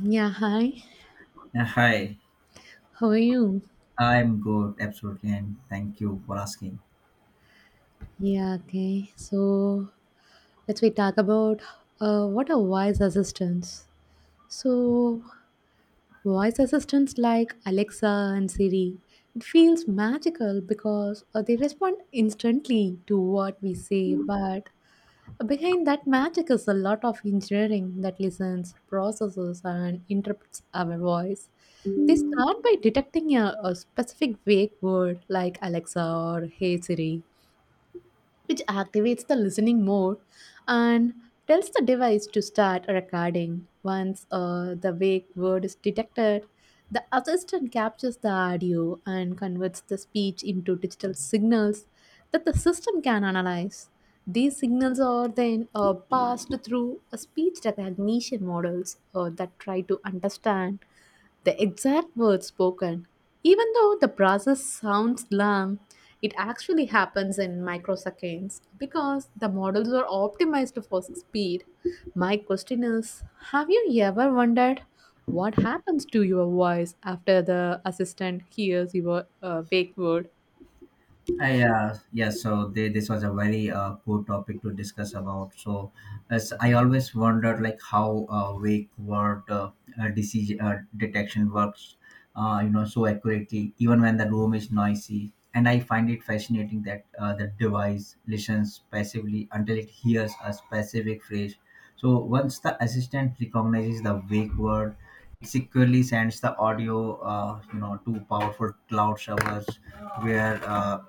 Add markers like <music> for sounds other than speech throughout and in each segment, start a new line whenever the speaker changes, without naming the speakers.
Yeah, hi.
Yeah, hi,
How are you?
I'm good, absolutely, and thank you for asking.
Yeah, okay. So let's we talk about what are voice assistants. So voice assistants like Alexa and Siri, it feels magical because they respond instantly to what we say. But behind that magic is a lot of engineering that listens, processes, and interprets our voice. They start by detecting a specific vague word like Alexa or Hey Siri, which activates the listening mode and tells the device to start recording. Once the wake word is detected, the assistant captures the audio and converts the speech into digital signals that the system can analyze. These signals are then passed through a speech recognition models that try to understand the exact words spoken. Even though the process sounds long, it actually happens in microseconds because the models are optimized for speed. My question is: have you ever wondered what happens to your voice after the assistant hears your wake word?
Yeah, so they, this was a very poor topic to discuss about. So, as I always wondered, like how wake word disease detection works, so accurately, even when the room is noisy. And I find it fascinating that the device listens passively until it hears a specific phrase. So once the assistant recognizes the wake word, it securely sends the audio, to powerful cloud servers where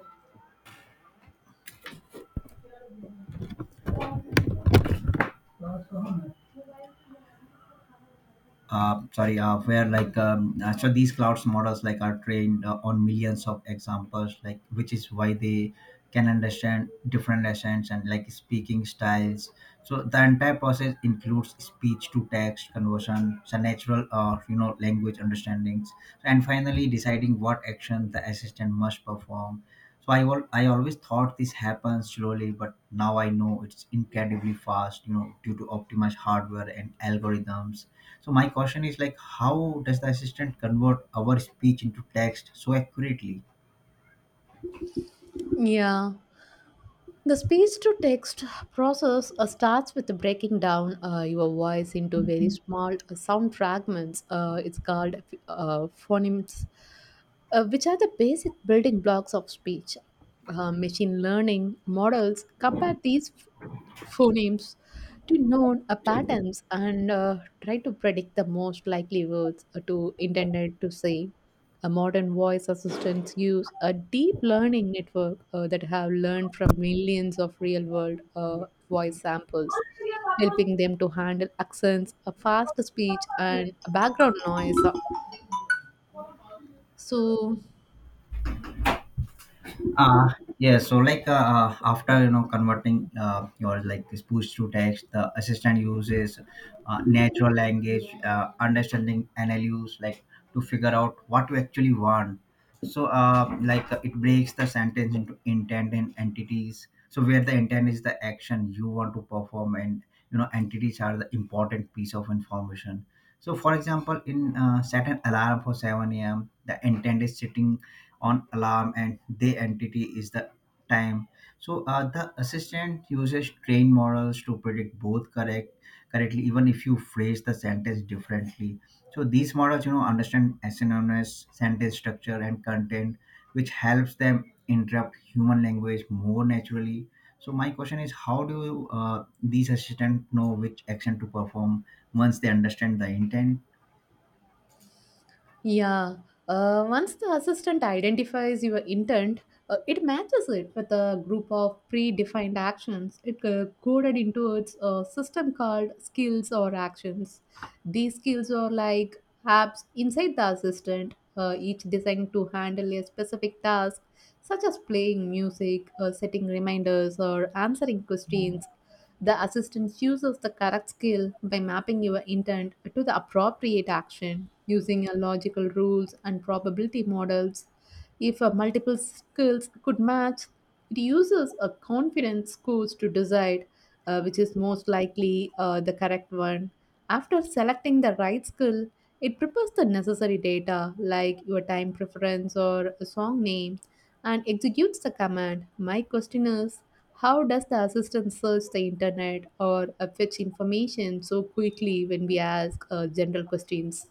sorry, where like so these clouds models like are trained on millions of examples, like which is why they can understand different accents and like speaking styles. So the entire process includes speech to text conversion, so natural or language understandings, and finally deciding what action the assistant must perform. So I always thought this happens slowly, but now I know it's incredibly fast, You know, due to optimized hardware and algorithms. So my question is, like, how does the assistant convert our speech into text so accurately?
Yeah. The speech to text process starts with breaking down your voice into very small sound fragments. It's called phonemes, which are the basic building blocks of speech. Machine learning models compare these phonemes to known patterns and try to predict the most likely words to intended to say. A modern voice assistants use a deep learning network that have learned from millions of real-world voice samples, helping them to handle accents, a fast speech, and background noise. So
Uh, yeah, so after converting your like this push to text, the assistant uses natural language understanding NLUs, like, to figure out what you actually want. So it breaks the sentence into intent and entities. So where the intent is the action you want to perform, and entities are the important piece of information. So for example, in set an alarm for 7 a.m. The intent is sitting on alarm and the entity is the time. So the assistant uses trained models to predict both correctly even if you phrase the sentence differently. So these models understand synonymous sentence structure and content, which helps them interrupt human language more naturally. So my question is, how do these assistants know which action to perform once they understand the intent?
yeah, once the assistant identifies your intent, it matches it with a group of predefined actions. It coded into its system called skills or actions. These skills are like apps inside the assistant, each designed to handle a specific task, such as playing music, setting reminders, or answering questions. The assistant uses the correct skill by mapping your intent to the appropriate action using a logical rules and probability models. If a multiple skills could match, it uses a confidence scores to decide which is most likely the correct one. After selecting the right skill, it prepares the necessary data like your time preference or a song name and executes the command. My question is: how does the assistant search the internet or fetch information so quickly when we ask general questions?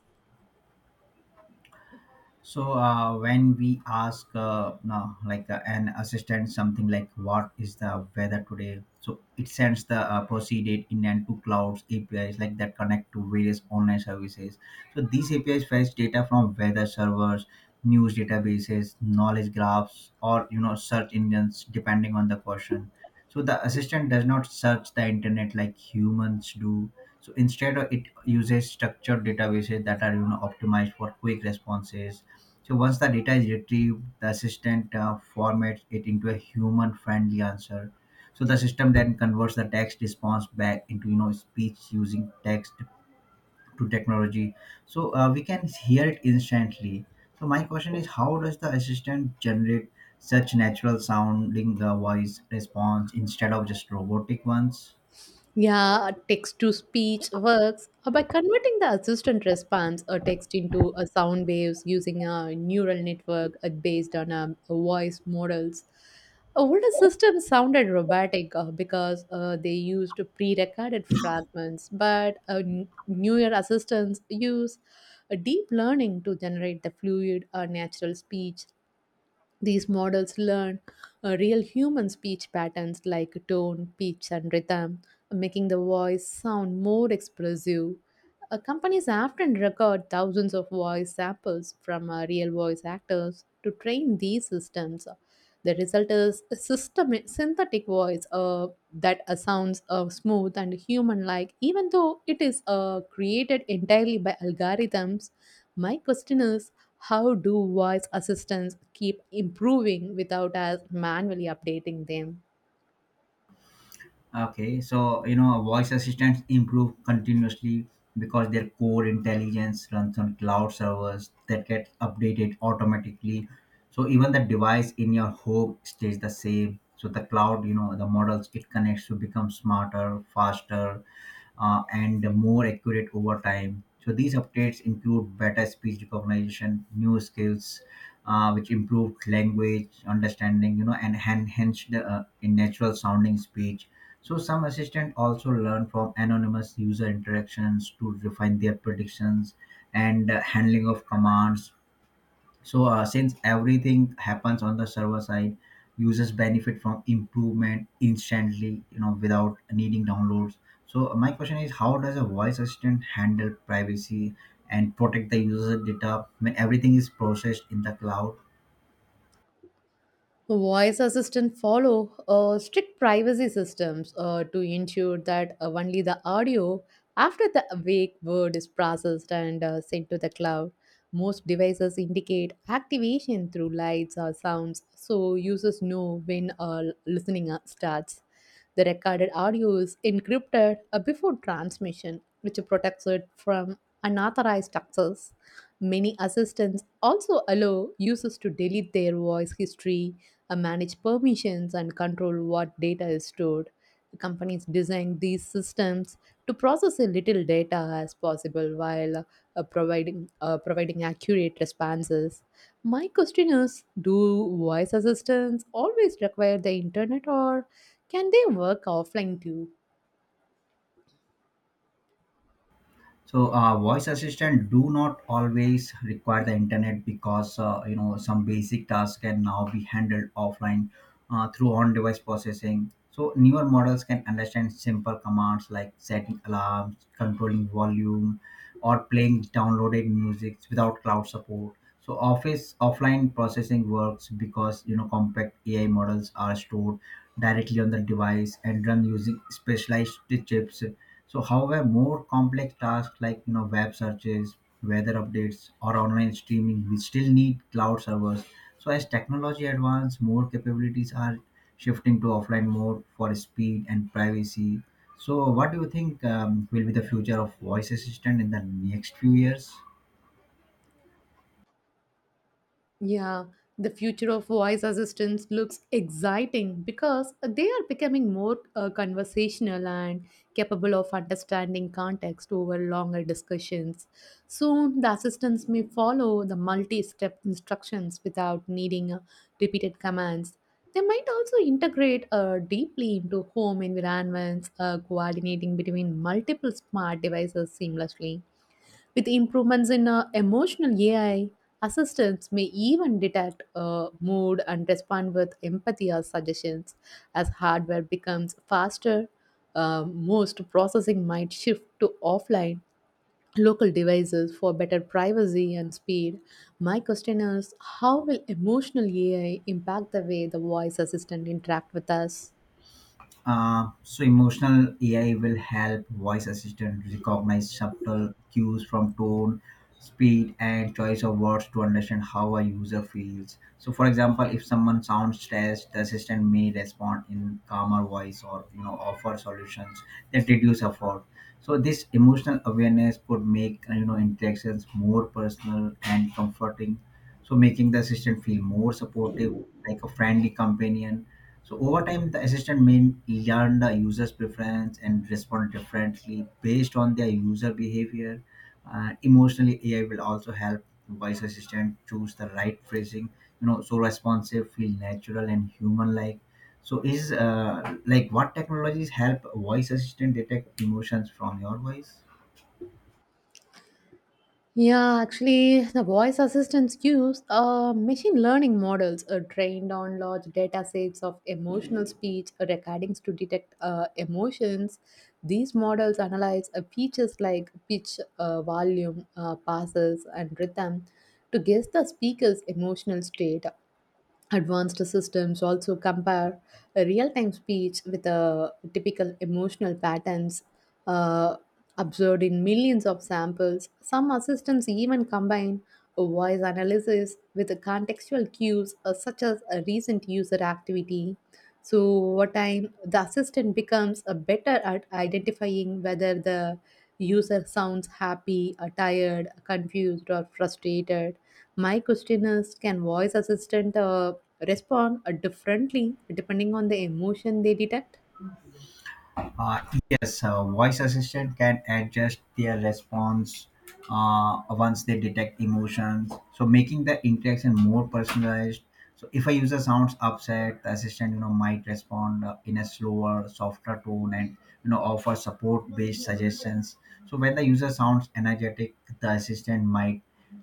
So when we ask no, like an assistant something like what is the weather today, so it sends the proceeded in and to clouds APIs like that connect to various online services. So these APIs fetch data from weather servers, news databases, knowledge graphs, or search engines depending on the question. So the assistant does not search the internet like humans do. So instead, it uses structured databases that are optimized for quick responses. So once the data is retrieved, the assistant formats it into a human-friendly answer. So the system then converts the text response back into speech using text to technology. So we can hear it instantly. So my question is, how does the assistant generate such natural sounding voice response instead of just robotic ones?
Yeah, text to speech works by converting the assistant response or text into a sound waves using a neural network based on voice models. Older systems sounded robotic because they used pre-recorded fragments, but newer assistants use deep learning to generate the fluid or natural speech. These models learn real human speech patterns like tone, pitch, and rhythm, making the voice sound more expressive. Companies often record thousands of voice samples from real voice actors to train these systems. The result is a system synthetic voice that sounds smooth and human-like, even though it is created entirely by algorithms. My question is: how do voice assistants keep improving without us manually updating them?
Okay, so, voice assistants improve continuously because their core intelligence runs on cloud servers that get updated automatically. So even the device in your home stays the same. So the cloud, the models it connects to become smarter, faster, and more accurate over time. So these updates include better speech recognition, new skills, which improved language understanding, and enhanced in natural sounding speech. So some assistants also learn from anonymous user interactions to refine their predictions and handling of commands. So since everything happens on the server side, users benefit from improvement instantly, without needing downloads. So my question is, how does a voice assistant handle privacy and protect the user data when everything is processed in the cloud?
Voice assistant follow strict privacy systems to ensure that only the audio after the awake word is processed and sent to the cloud. Most devices indicate activation through lights or sounds, so users know when listening starts. The recorded audio is encrypted before transmission, which protects it from unauthorized access. Many assistants also allow users to delete their voice history, manage permissions, and control what data is stored. Companies design these systems to process as little data as possible while providing accurate responses. My question is: do voice assistants always require the internet, or can they work offline too?
So voice assistant do not always require the internet, because some basic tasks can now be handled offline through on-device processing. So newer models can understand simple commands like setting alarms, controlling volume, or playing downloaded music without cloud support. So office offline processing works because compact ai models are stored directly on the device and run using specialized chips. So, however, more complex tasks like web searches, weather updates, or online streaming, we still need cloud servers. So, as technology advances, more capabilities are shifting to offline mode for speed and privacy. So, what do you think will be the future of voice assistant in the next few years?
Yeah, the future of voice assistants looks exciting because they are becoming more conversational and capable of understanding context over longer discussions. Soon, the assistants may follow the multi step instructions without needing repeated commands. They might also integrate deeply into home environments, coordinating between multiple smart devices seamlessly. With improvements in emotional AI, assistants may even detect mood and respond with empathy or suggestions. As hardware becomes faster, most processing might shift to offline local devices for better privacy and speed. My question is: how will emotional AI impact the way the voice assistant interact with us?
So emotional AI will help voice assistant recognize subtle cues from tone, speed, and choice of words to understand how a user feels. So, for example, if someone sounds stressed, the assistant may respond in calmer voice or offer solutions that reduce effort. So, this emotional awareness could make interactions more personal and comforting. So, making the assistant feel more supportive, like a friendly companion. So over time, the assistant may learn the user's preference and respond differently based on their user behavior. Emotionally, AI will also help voice assistant choose the right phrasing, You know, so responsive, feel natural and human-like. So is, what technologies help voice assistant detect emotions from your voice?
Yeah, actually, the voice assistants use machine learning models trained on large data sets of emotional speech recordings to detect emotions. These models analyze features like pitch, volume, passes, and rhythm to guess the speaker's emotional state. Advanced systems also compare a real-time speech with a typical emotional patterns uh, observed in millions of samples. Some assistants even combine a voice analysis with a contextual cues such as a recent user activity. So over time, the assistant becomes a better at identifying whether the user sounds happy, or tired, confused, or frustrated. My question is, can voice assistant respond differently depending on the emotion they detect?
Uh, yes, voice assistant can adjust their response once they detect emotions, so making the interaction more personalized. So if a user sounds upset, the assistant might respond in a slower, softer tone, and offer support-based suggestions. So when the user sounds energetic, the assistant might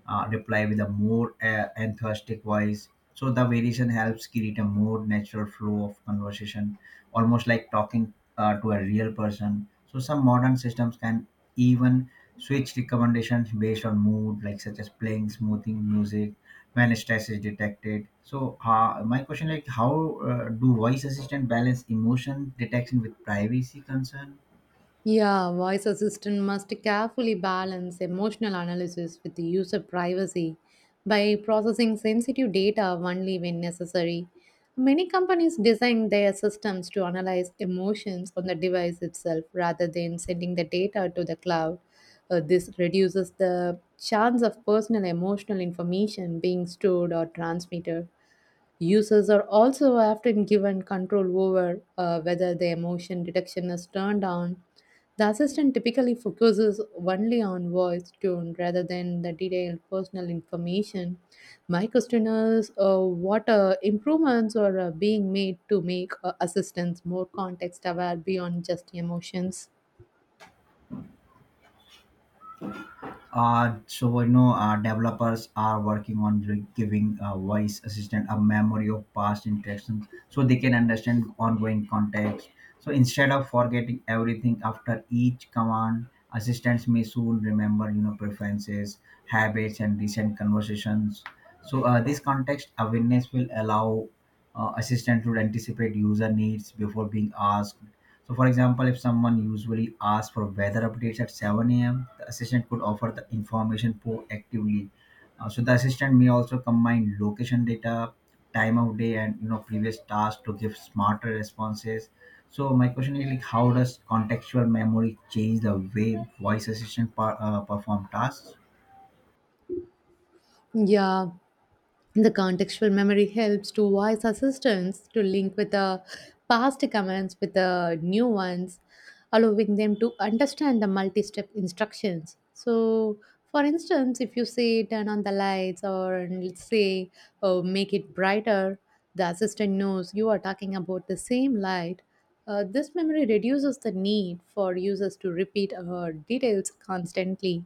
reply with a more enthusiastic voice. So the variation helps create a more natural flow of conversation, almost like talking to a real person. So some modern systems can even switch recommendations based on mood, like such as playing smoothing music when stress is detected. So my question, like, how do voice assistant balance emotion detection with privacy concern?
Yeah, voice assistant must carefully balance emotional analysis with the user privacy by processing sensitive data only when necessary. Many companies design their systems to analyze emotions on the device itself rather than sending the data to the cloud. This reduces the chance of personal emotional information being stored or transmitted. Users are also often given control over whether the emotion detection is turned on. The assistant typically focuses only on voice tone rather than the detailed personal information. My question is: what improvements are being made to make assistants more context aware beyond just emotions?
Developers are working on giving voice assistant a memory of past interactions, so they can understand ongoing context. So instead of forgetting everything after each command, assistants may soon remember preferences, habits, and recent conversations. So this context awareness will allow assistant to anticipate user needs before being asked. So, for example, if someone usually asks for weather updates at 7 a.m., the assistant could offer the information proactively. So, the assistant may also combine location data, time of day, and previous tasks to give smarter responses. So, my question is, like, how does contextual memory change the way voice assistant perform tasks?
Yeah, the contextual memory helps to voice assistants to link with the past commands with the new ones, allowing them to understand the multi step instructions. So, for instance, if you say turn on the lights, or let's say oh, make it brighter, the assistant knows you are talking about the same light. This memory reduces the need for users to repeat details constantly.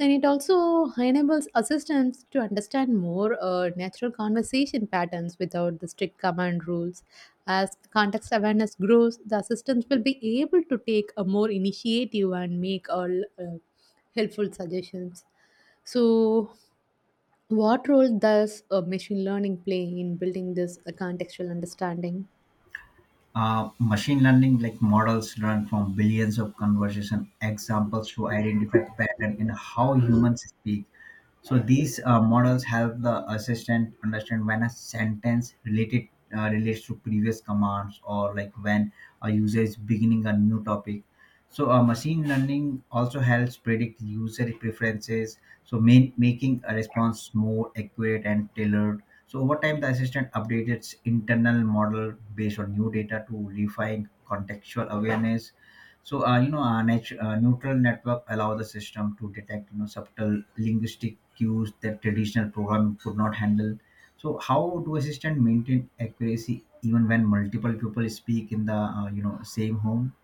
And it also enables assistants to understand more natural conversation patterns without the strict command rules. As context awareness grows, the assistants will be able to take a more initiative and make all helpful suggestions. So, what role does machine learning play in building this contextual understanding?
Machine learning like models learn from billions of conversation examples to identify pattern in how humans speak. So these models help the assistant understand when a sentence related relates to previous commands, or like when a user is beginning a new topic. So machine learning also helps predict user preferences, so making a response more accurate and tailored. So over time, the assistant updates its internal model based on new data to refine contextual awareness. So a neutral network allows the system to detect subtle linguistic cues that traditional programming could not handle. So how do assistant maintain accuracy even when multiple people speak in the same home?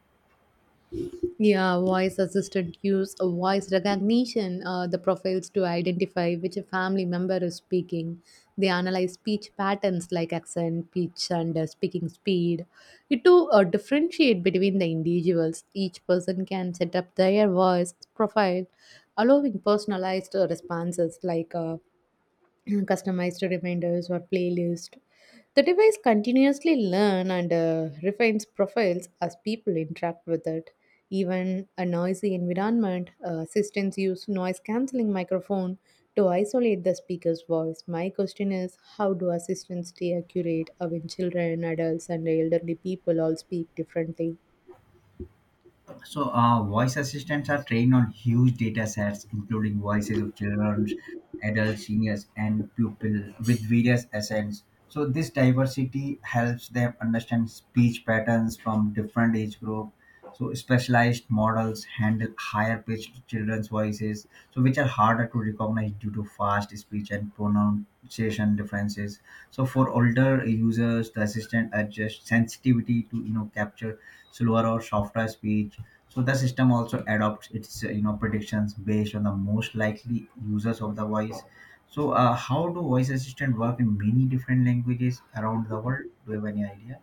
Yeah, voice assistant use a voice recognition, the profiles to identify which family member is speaking. They analyze speech patterns like accent, pitch, and speaking speed. It to differentiate between the individuals. Each person can set up their voice profile, allowing personalized responses like <clears throat> customized reminders or playlist. The device continuously learn and refines profiles as people interact with it. Even a noisy environment, assistants use noise cancelling microphone to isolate the speaker's voice. My question is, how do assistants stay accurate when children, adults, and elderly people all speak differently?
So, voice assistants are trained on huge data sets, including voices of children, adults, seniors, and pupils with various accents. So, this diversity helps them understand speech patterns from different age group. So, specialized models handle higher pitched children's voices, so which are harder to recognize due to fast speech and pronunciation differences. So for older users, the assistant adjusts sensitivity to capture slower or softer speech. So the system also adopts its predictions based on the most likely users of the voice. So how do voice assistant work in many different languages around the world? Do you have any idea?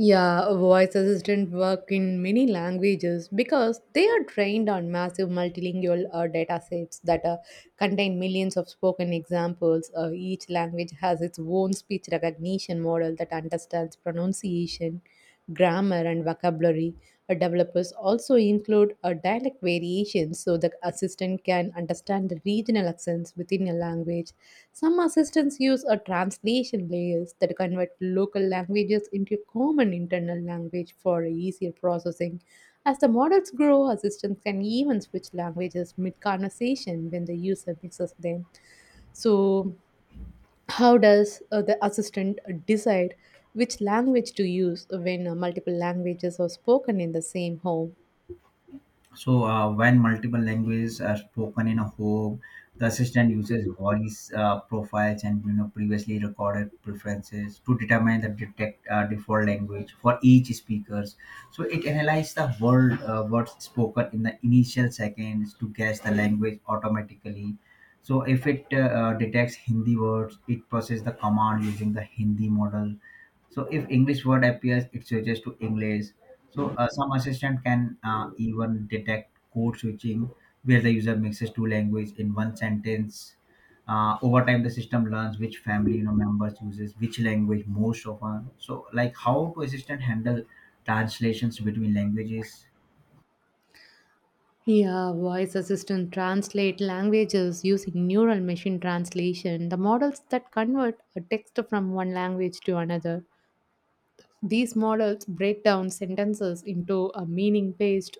Yeah, voice assistant work in many languages because they are trained on massive multilingual data sets that contain millions of spoken examples. Each language has its own speech recognition model that understands pronunciation, grammar and vocabulary. Developers also include a dialect variation so the assistant can understand the regional accents within a language. Some assistants use a translation layers that convert local languages into common internal language for easier processing. As the models grow, assistants can even switch languages mid conversation when the user mixes them. So, how does the assistant decide which language to use when multiple languages are spoken in the same home?
So, when multiple languages are spoken in a home, the assistant uses voice profiles and previously recorded preferences to determine the detect default language for each speakers. So it analyzes the words spoken in the initial seconds to guess the language automatically. So if it detects Hindi words, it processes the command using the Hindi model. So if English word appears, it switches to English. So some assistant can even detect code switching where the user mixes two language in one sentence. Over time, the system learns which family members uses which language most often. So, like, how to assistant handle translations between languages?
Yeah, voice assistant translate languages using neural machine translation, the models that convert a text from one language to another. These models break down sentences into a meaning based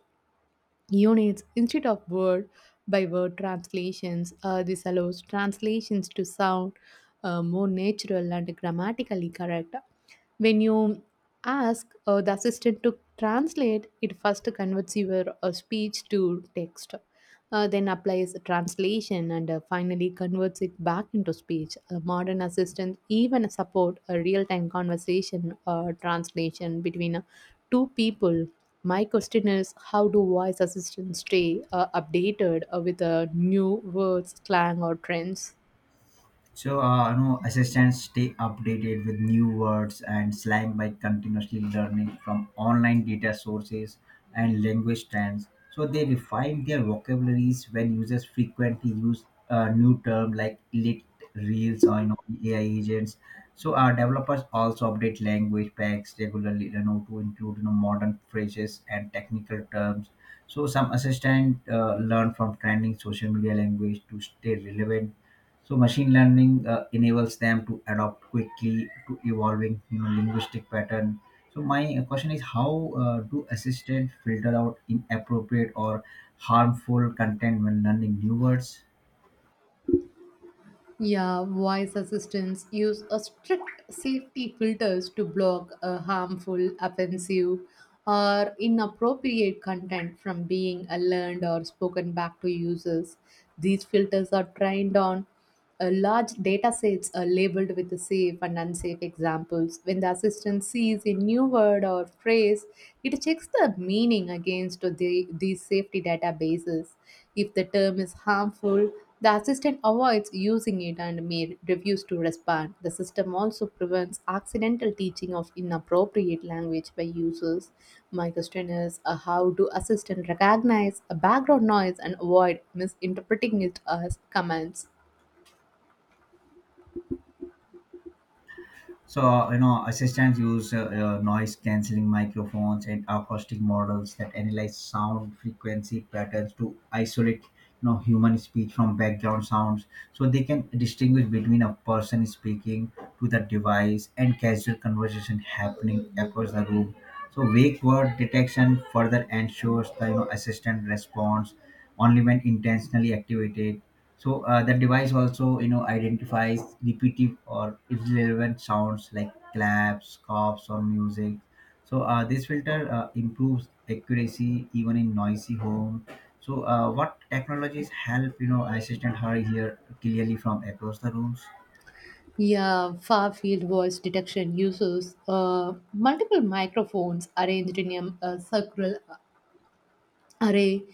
units instead of word by word translations. This allows translations to sound more natural and grammatically correct. When you ask the assistant to translate, it first converts your speech to text then applies translation and finally converts it back into speech. Modern assistants even support a real-time conversation or translation between two people. My question is, how do voice assistants stay updated with new words, slang, or trends?
So, no, assistants stay updated with new words and slang by continuously learning from online data sources and language trends. So, they refine their vocabularies when users frequently use a new term like lit reels, or, AI agents. So, our developers also update language packs regularly, to include, modern phrases and technical terms. So, some assistant learn from trending social media language to stay relevant. So machine learning enables them to adapt quickly to evolving, linguistic pattern. So my question is, how do assistant filter out inappropriate or harmful content when learning new words?
Yeah, voice assistants use a strict safety filters to block a harmful, offensive, or inappropriate content from being learned or spoken back to users. These filters are trained on large data sets are labeled with the safe and unsafe examples. When the assistant sees a new word or phrase, it checks the meaning against these safety databases. If the term is harmful, the assistant avoids using it and may refuse to respond. The system also prevents accidental teaching of inappropriate language by users. My question is how do assistants recognize a background noise and avoid misinterpreting it as commands?
So, you know, assistants use noise cancelling microphones and acoustic models that analyze sound frequency patterns to isolate, you know, human speech from background sounds. So they can distinguish between a person speaking to the device and casual conversation happening across the room. So, wake word detection further ensures the, assistant response only when intentionally activated. So the device also, you know, identifies repetitive or irrelevant sounds like claps, coughs, or music. So this filter improves accuracy even in noisy home. So what technologies help, you know, assistant her hear clearly from across the rooms?
Yeah, far field voice detection uses multiple microphones arranged in a circle array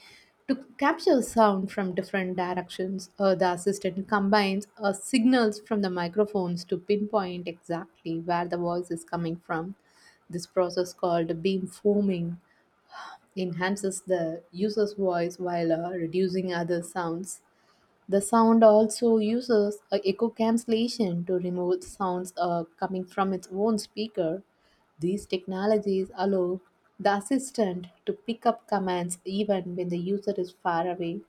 to capture sound from different directions. The assistant combines signals from the microphones to pinpoint exactly where the voice is coming from. This process called beamforming enhances the user's voice while reducing other sounds. The sound also uses a echo cancellation to remove sounds coming from its own speaker. These technologies allow the assistant to pick up commands even when the user is far away.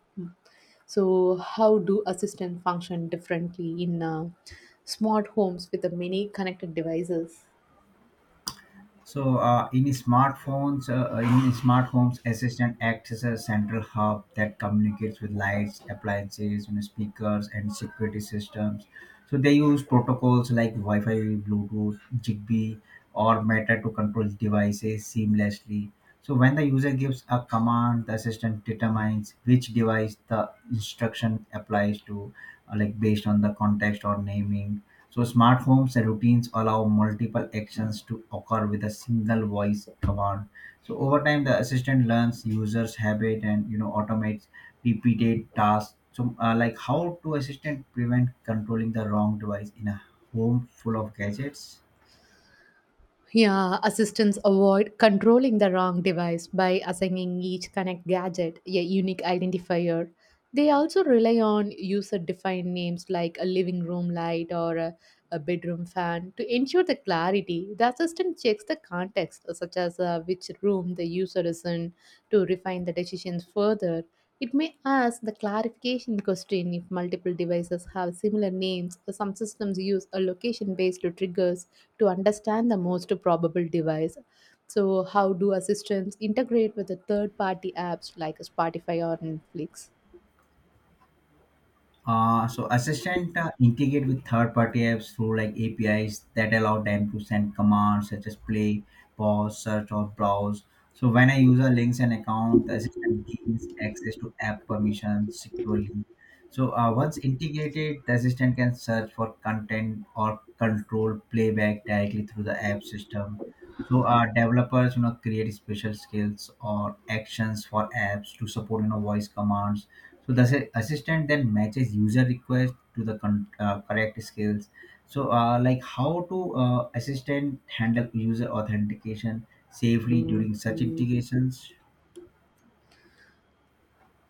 So, how do assistant function differently in smart homes with the many connected devices?
So in smart homes, Assistant acts as a central hub that communicates with lights, appliances, you know, speakers, and security systems. So they use protocols like Wi-Fi, Bluetooth, Zigbee, or Meta to control devices seamlessly. So when the user gives a command, the assistant determines which device the instruction applies to, like based on the context or naming. So smart homes and routines allow multiple actions to occur with a single voice command. So over time, the assistant learns users' habit and, you know, automates repeated tasks. So like how to assistant prevent controlling the wrong device in a home full of gadgets?
Yeah, assistants avoid controlling the wrong device by assigning each Connect gadget a unique identifier. They also rely on user defined names like a living room light or a bedroom fan to ensure the clarity. The assistant checks the context, such as which room the user is in, to refine the decisions further. It may ask the clarification question if multiple devices have similar names. Some systems use a location based triggers to understand the most probable device. So, how do assistants integrate with the third party apps like Spotify or Netflix?
So assistant integrate with third-party apps through like APIs that allow them to send commands such as play, pause, search, or browse. So when a user links an account, the assistant gains access to app permissions securely. So once integrated, the assistant can search for content or control playback directly through the app system. So developers, you know, create special skills or actions for apps to support, you know, voice commands. So the assistant then matches user request to the correct skills. So like how to assistant handle user authentication safely during such integrations?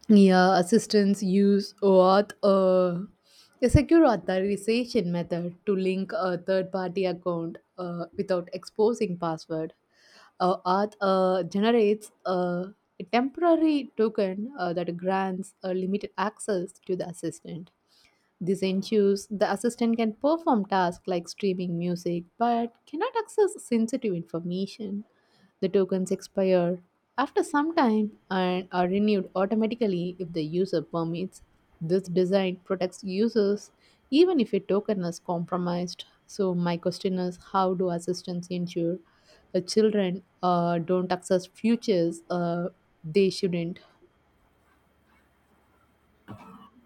Yeah, assistants use what a secure authorization method to link a third-party account without exposing password. Auth generates a temporary token that grants a limited access to the assistant. This ensures the assistant can perform tasks like streaming music but cannot access sensitive information. The tokens expire after some time and are renewed automatically if the user permits. This design protects users even if a token is compromised. So, my question is how do assistants ensure children don't access futures they shouldn't?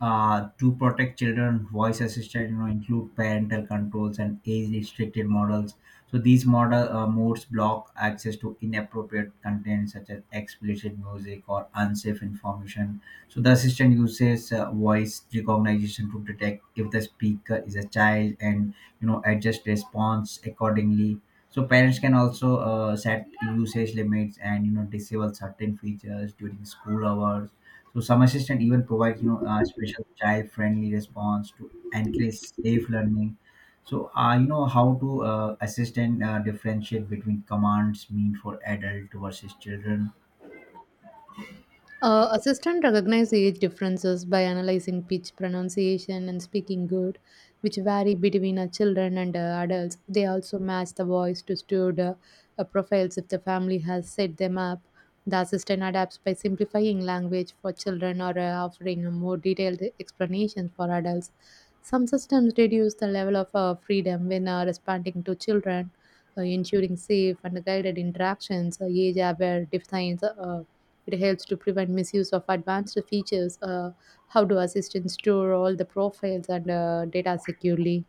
To protect children, voice assistant, you know, include parental controls and age-restricted models. So these model modes block access to inappropriate content such as explicit music or unsafe information. So the assistant uses voice recognition to detect if the speaker is a child and, you know, adjust response accordingly. So parents can also set usage limits and, you know, disable certain features during school hours. So some assistant even provides, you know, a special child-friendly response to encourage safe learning. So you know how to assistant differentiate between commands mean for adult versus children.
Assistant recognize age differences by analyzing pitch, pronunciation, and speaking good, which vary between children and adults. They also match the voice to student profiles if the family has set them up. The assistant adapts by simplifying language for children or offering a more detailed explanation for adults. Some systems reduce the level of freedom when responding to children, ensuring safe and guided interactions. Age-aware defines it helps to prevent misuse of advanced features. How do assistants store all the profiles and data securely?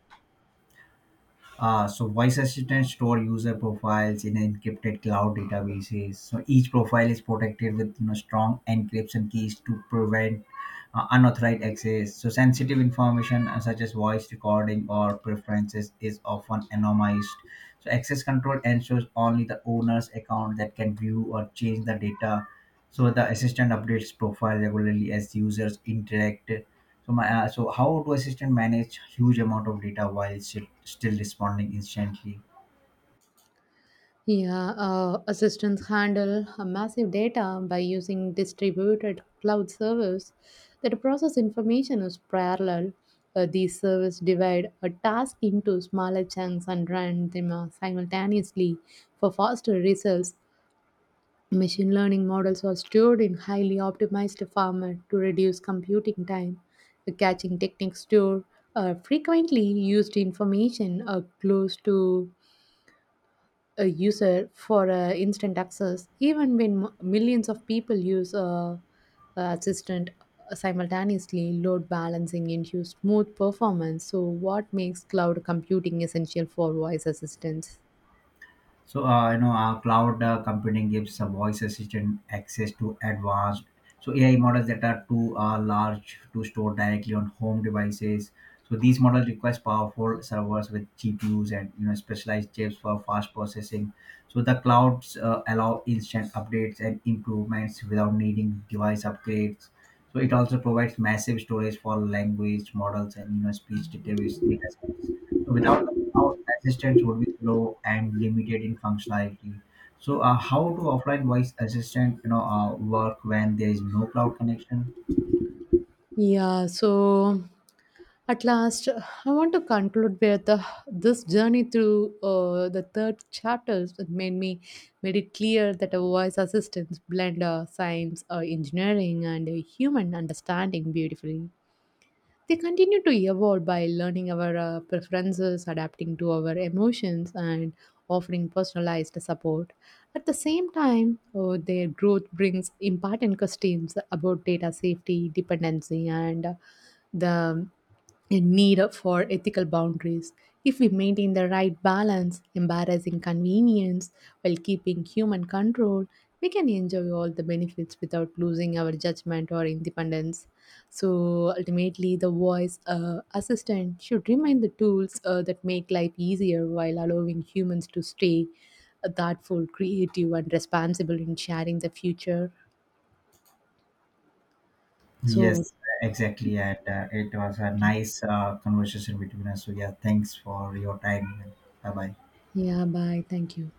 So voice assistant store user profiles in encrypted cloud databases. So each profile is protected with, you know, strong encryption keys to prevent unauthorized access. So sensitive information, such as voice recording or preferences, is often anonymized. So access control ensures only the owner's account that can view or change the data. So the assistant updates profile regularly as users interact. So how do assistant manage huge amount of data while still responding instantly?
Yeah, assistants handle massive data by using distributed cloud servers that process information as parallel. These servers divide a task into smaller chunks and run them simultaneously for faster results. Machine learning models are stored in highly optimized formats to reduce computing time. The caching techniques store frequently used information close to a user for instant access, even when millions of people use assistant simultaneously. Load balancing ensures smooth performance. So, what makes cloud computing essential for voice assistants?
So, cloud computing gives a voice assistant access to advanced, so AI models that are too large to store directly on home devices. So these models require powerful servers with GPUs and, you know, specialized chips for fast processing. So the clouds allow instant updates and improvements without needing device upgrades. So it also provides massive storage for language models and, you know, speech database data sets. So without how assistants would be slow and limited in functionality. So, how do offline voice assistant, you know, work when there is no cloud connection?
Yeah, so at last, I want to conclude with this journey through the third chapters that made it clear that a voice assistance blend science, engineering, and human understanding beautifully. They continue to evolve by learning our preferences, adapting to our emotions, and offering personalized support. At the same time, their growth brings important questions about data safety, dependency, and the need for ethical boundaries. If we maintain the right balance, embarrassing convenience while keeping human control, we can enjoy all the benefits without losing our judgment or independence. So ultimately, the voice assistant should remain the tools that make life easier while allowing humans to stay thoughtful, creative, and responsible in sharing the future. So,
Yes, exactly, and it was a nice conversation between us. So, yeah, thanks for your time. Bye bye.
yeah, bye. Thank you.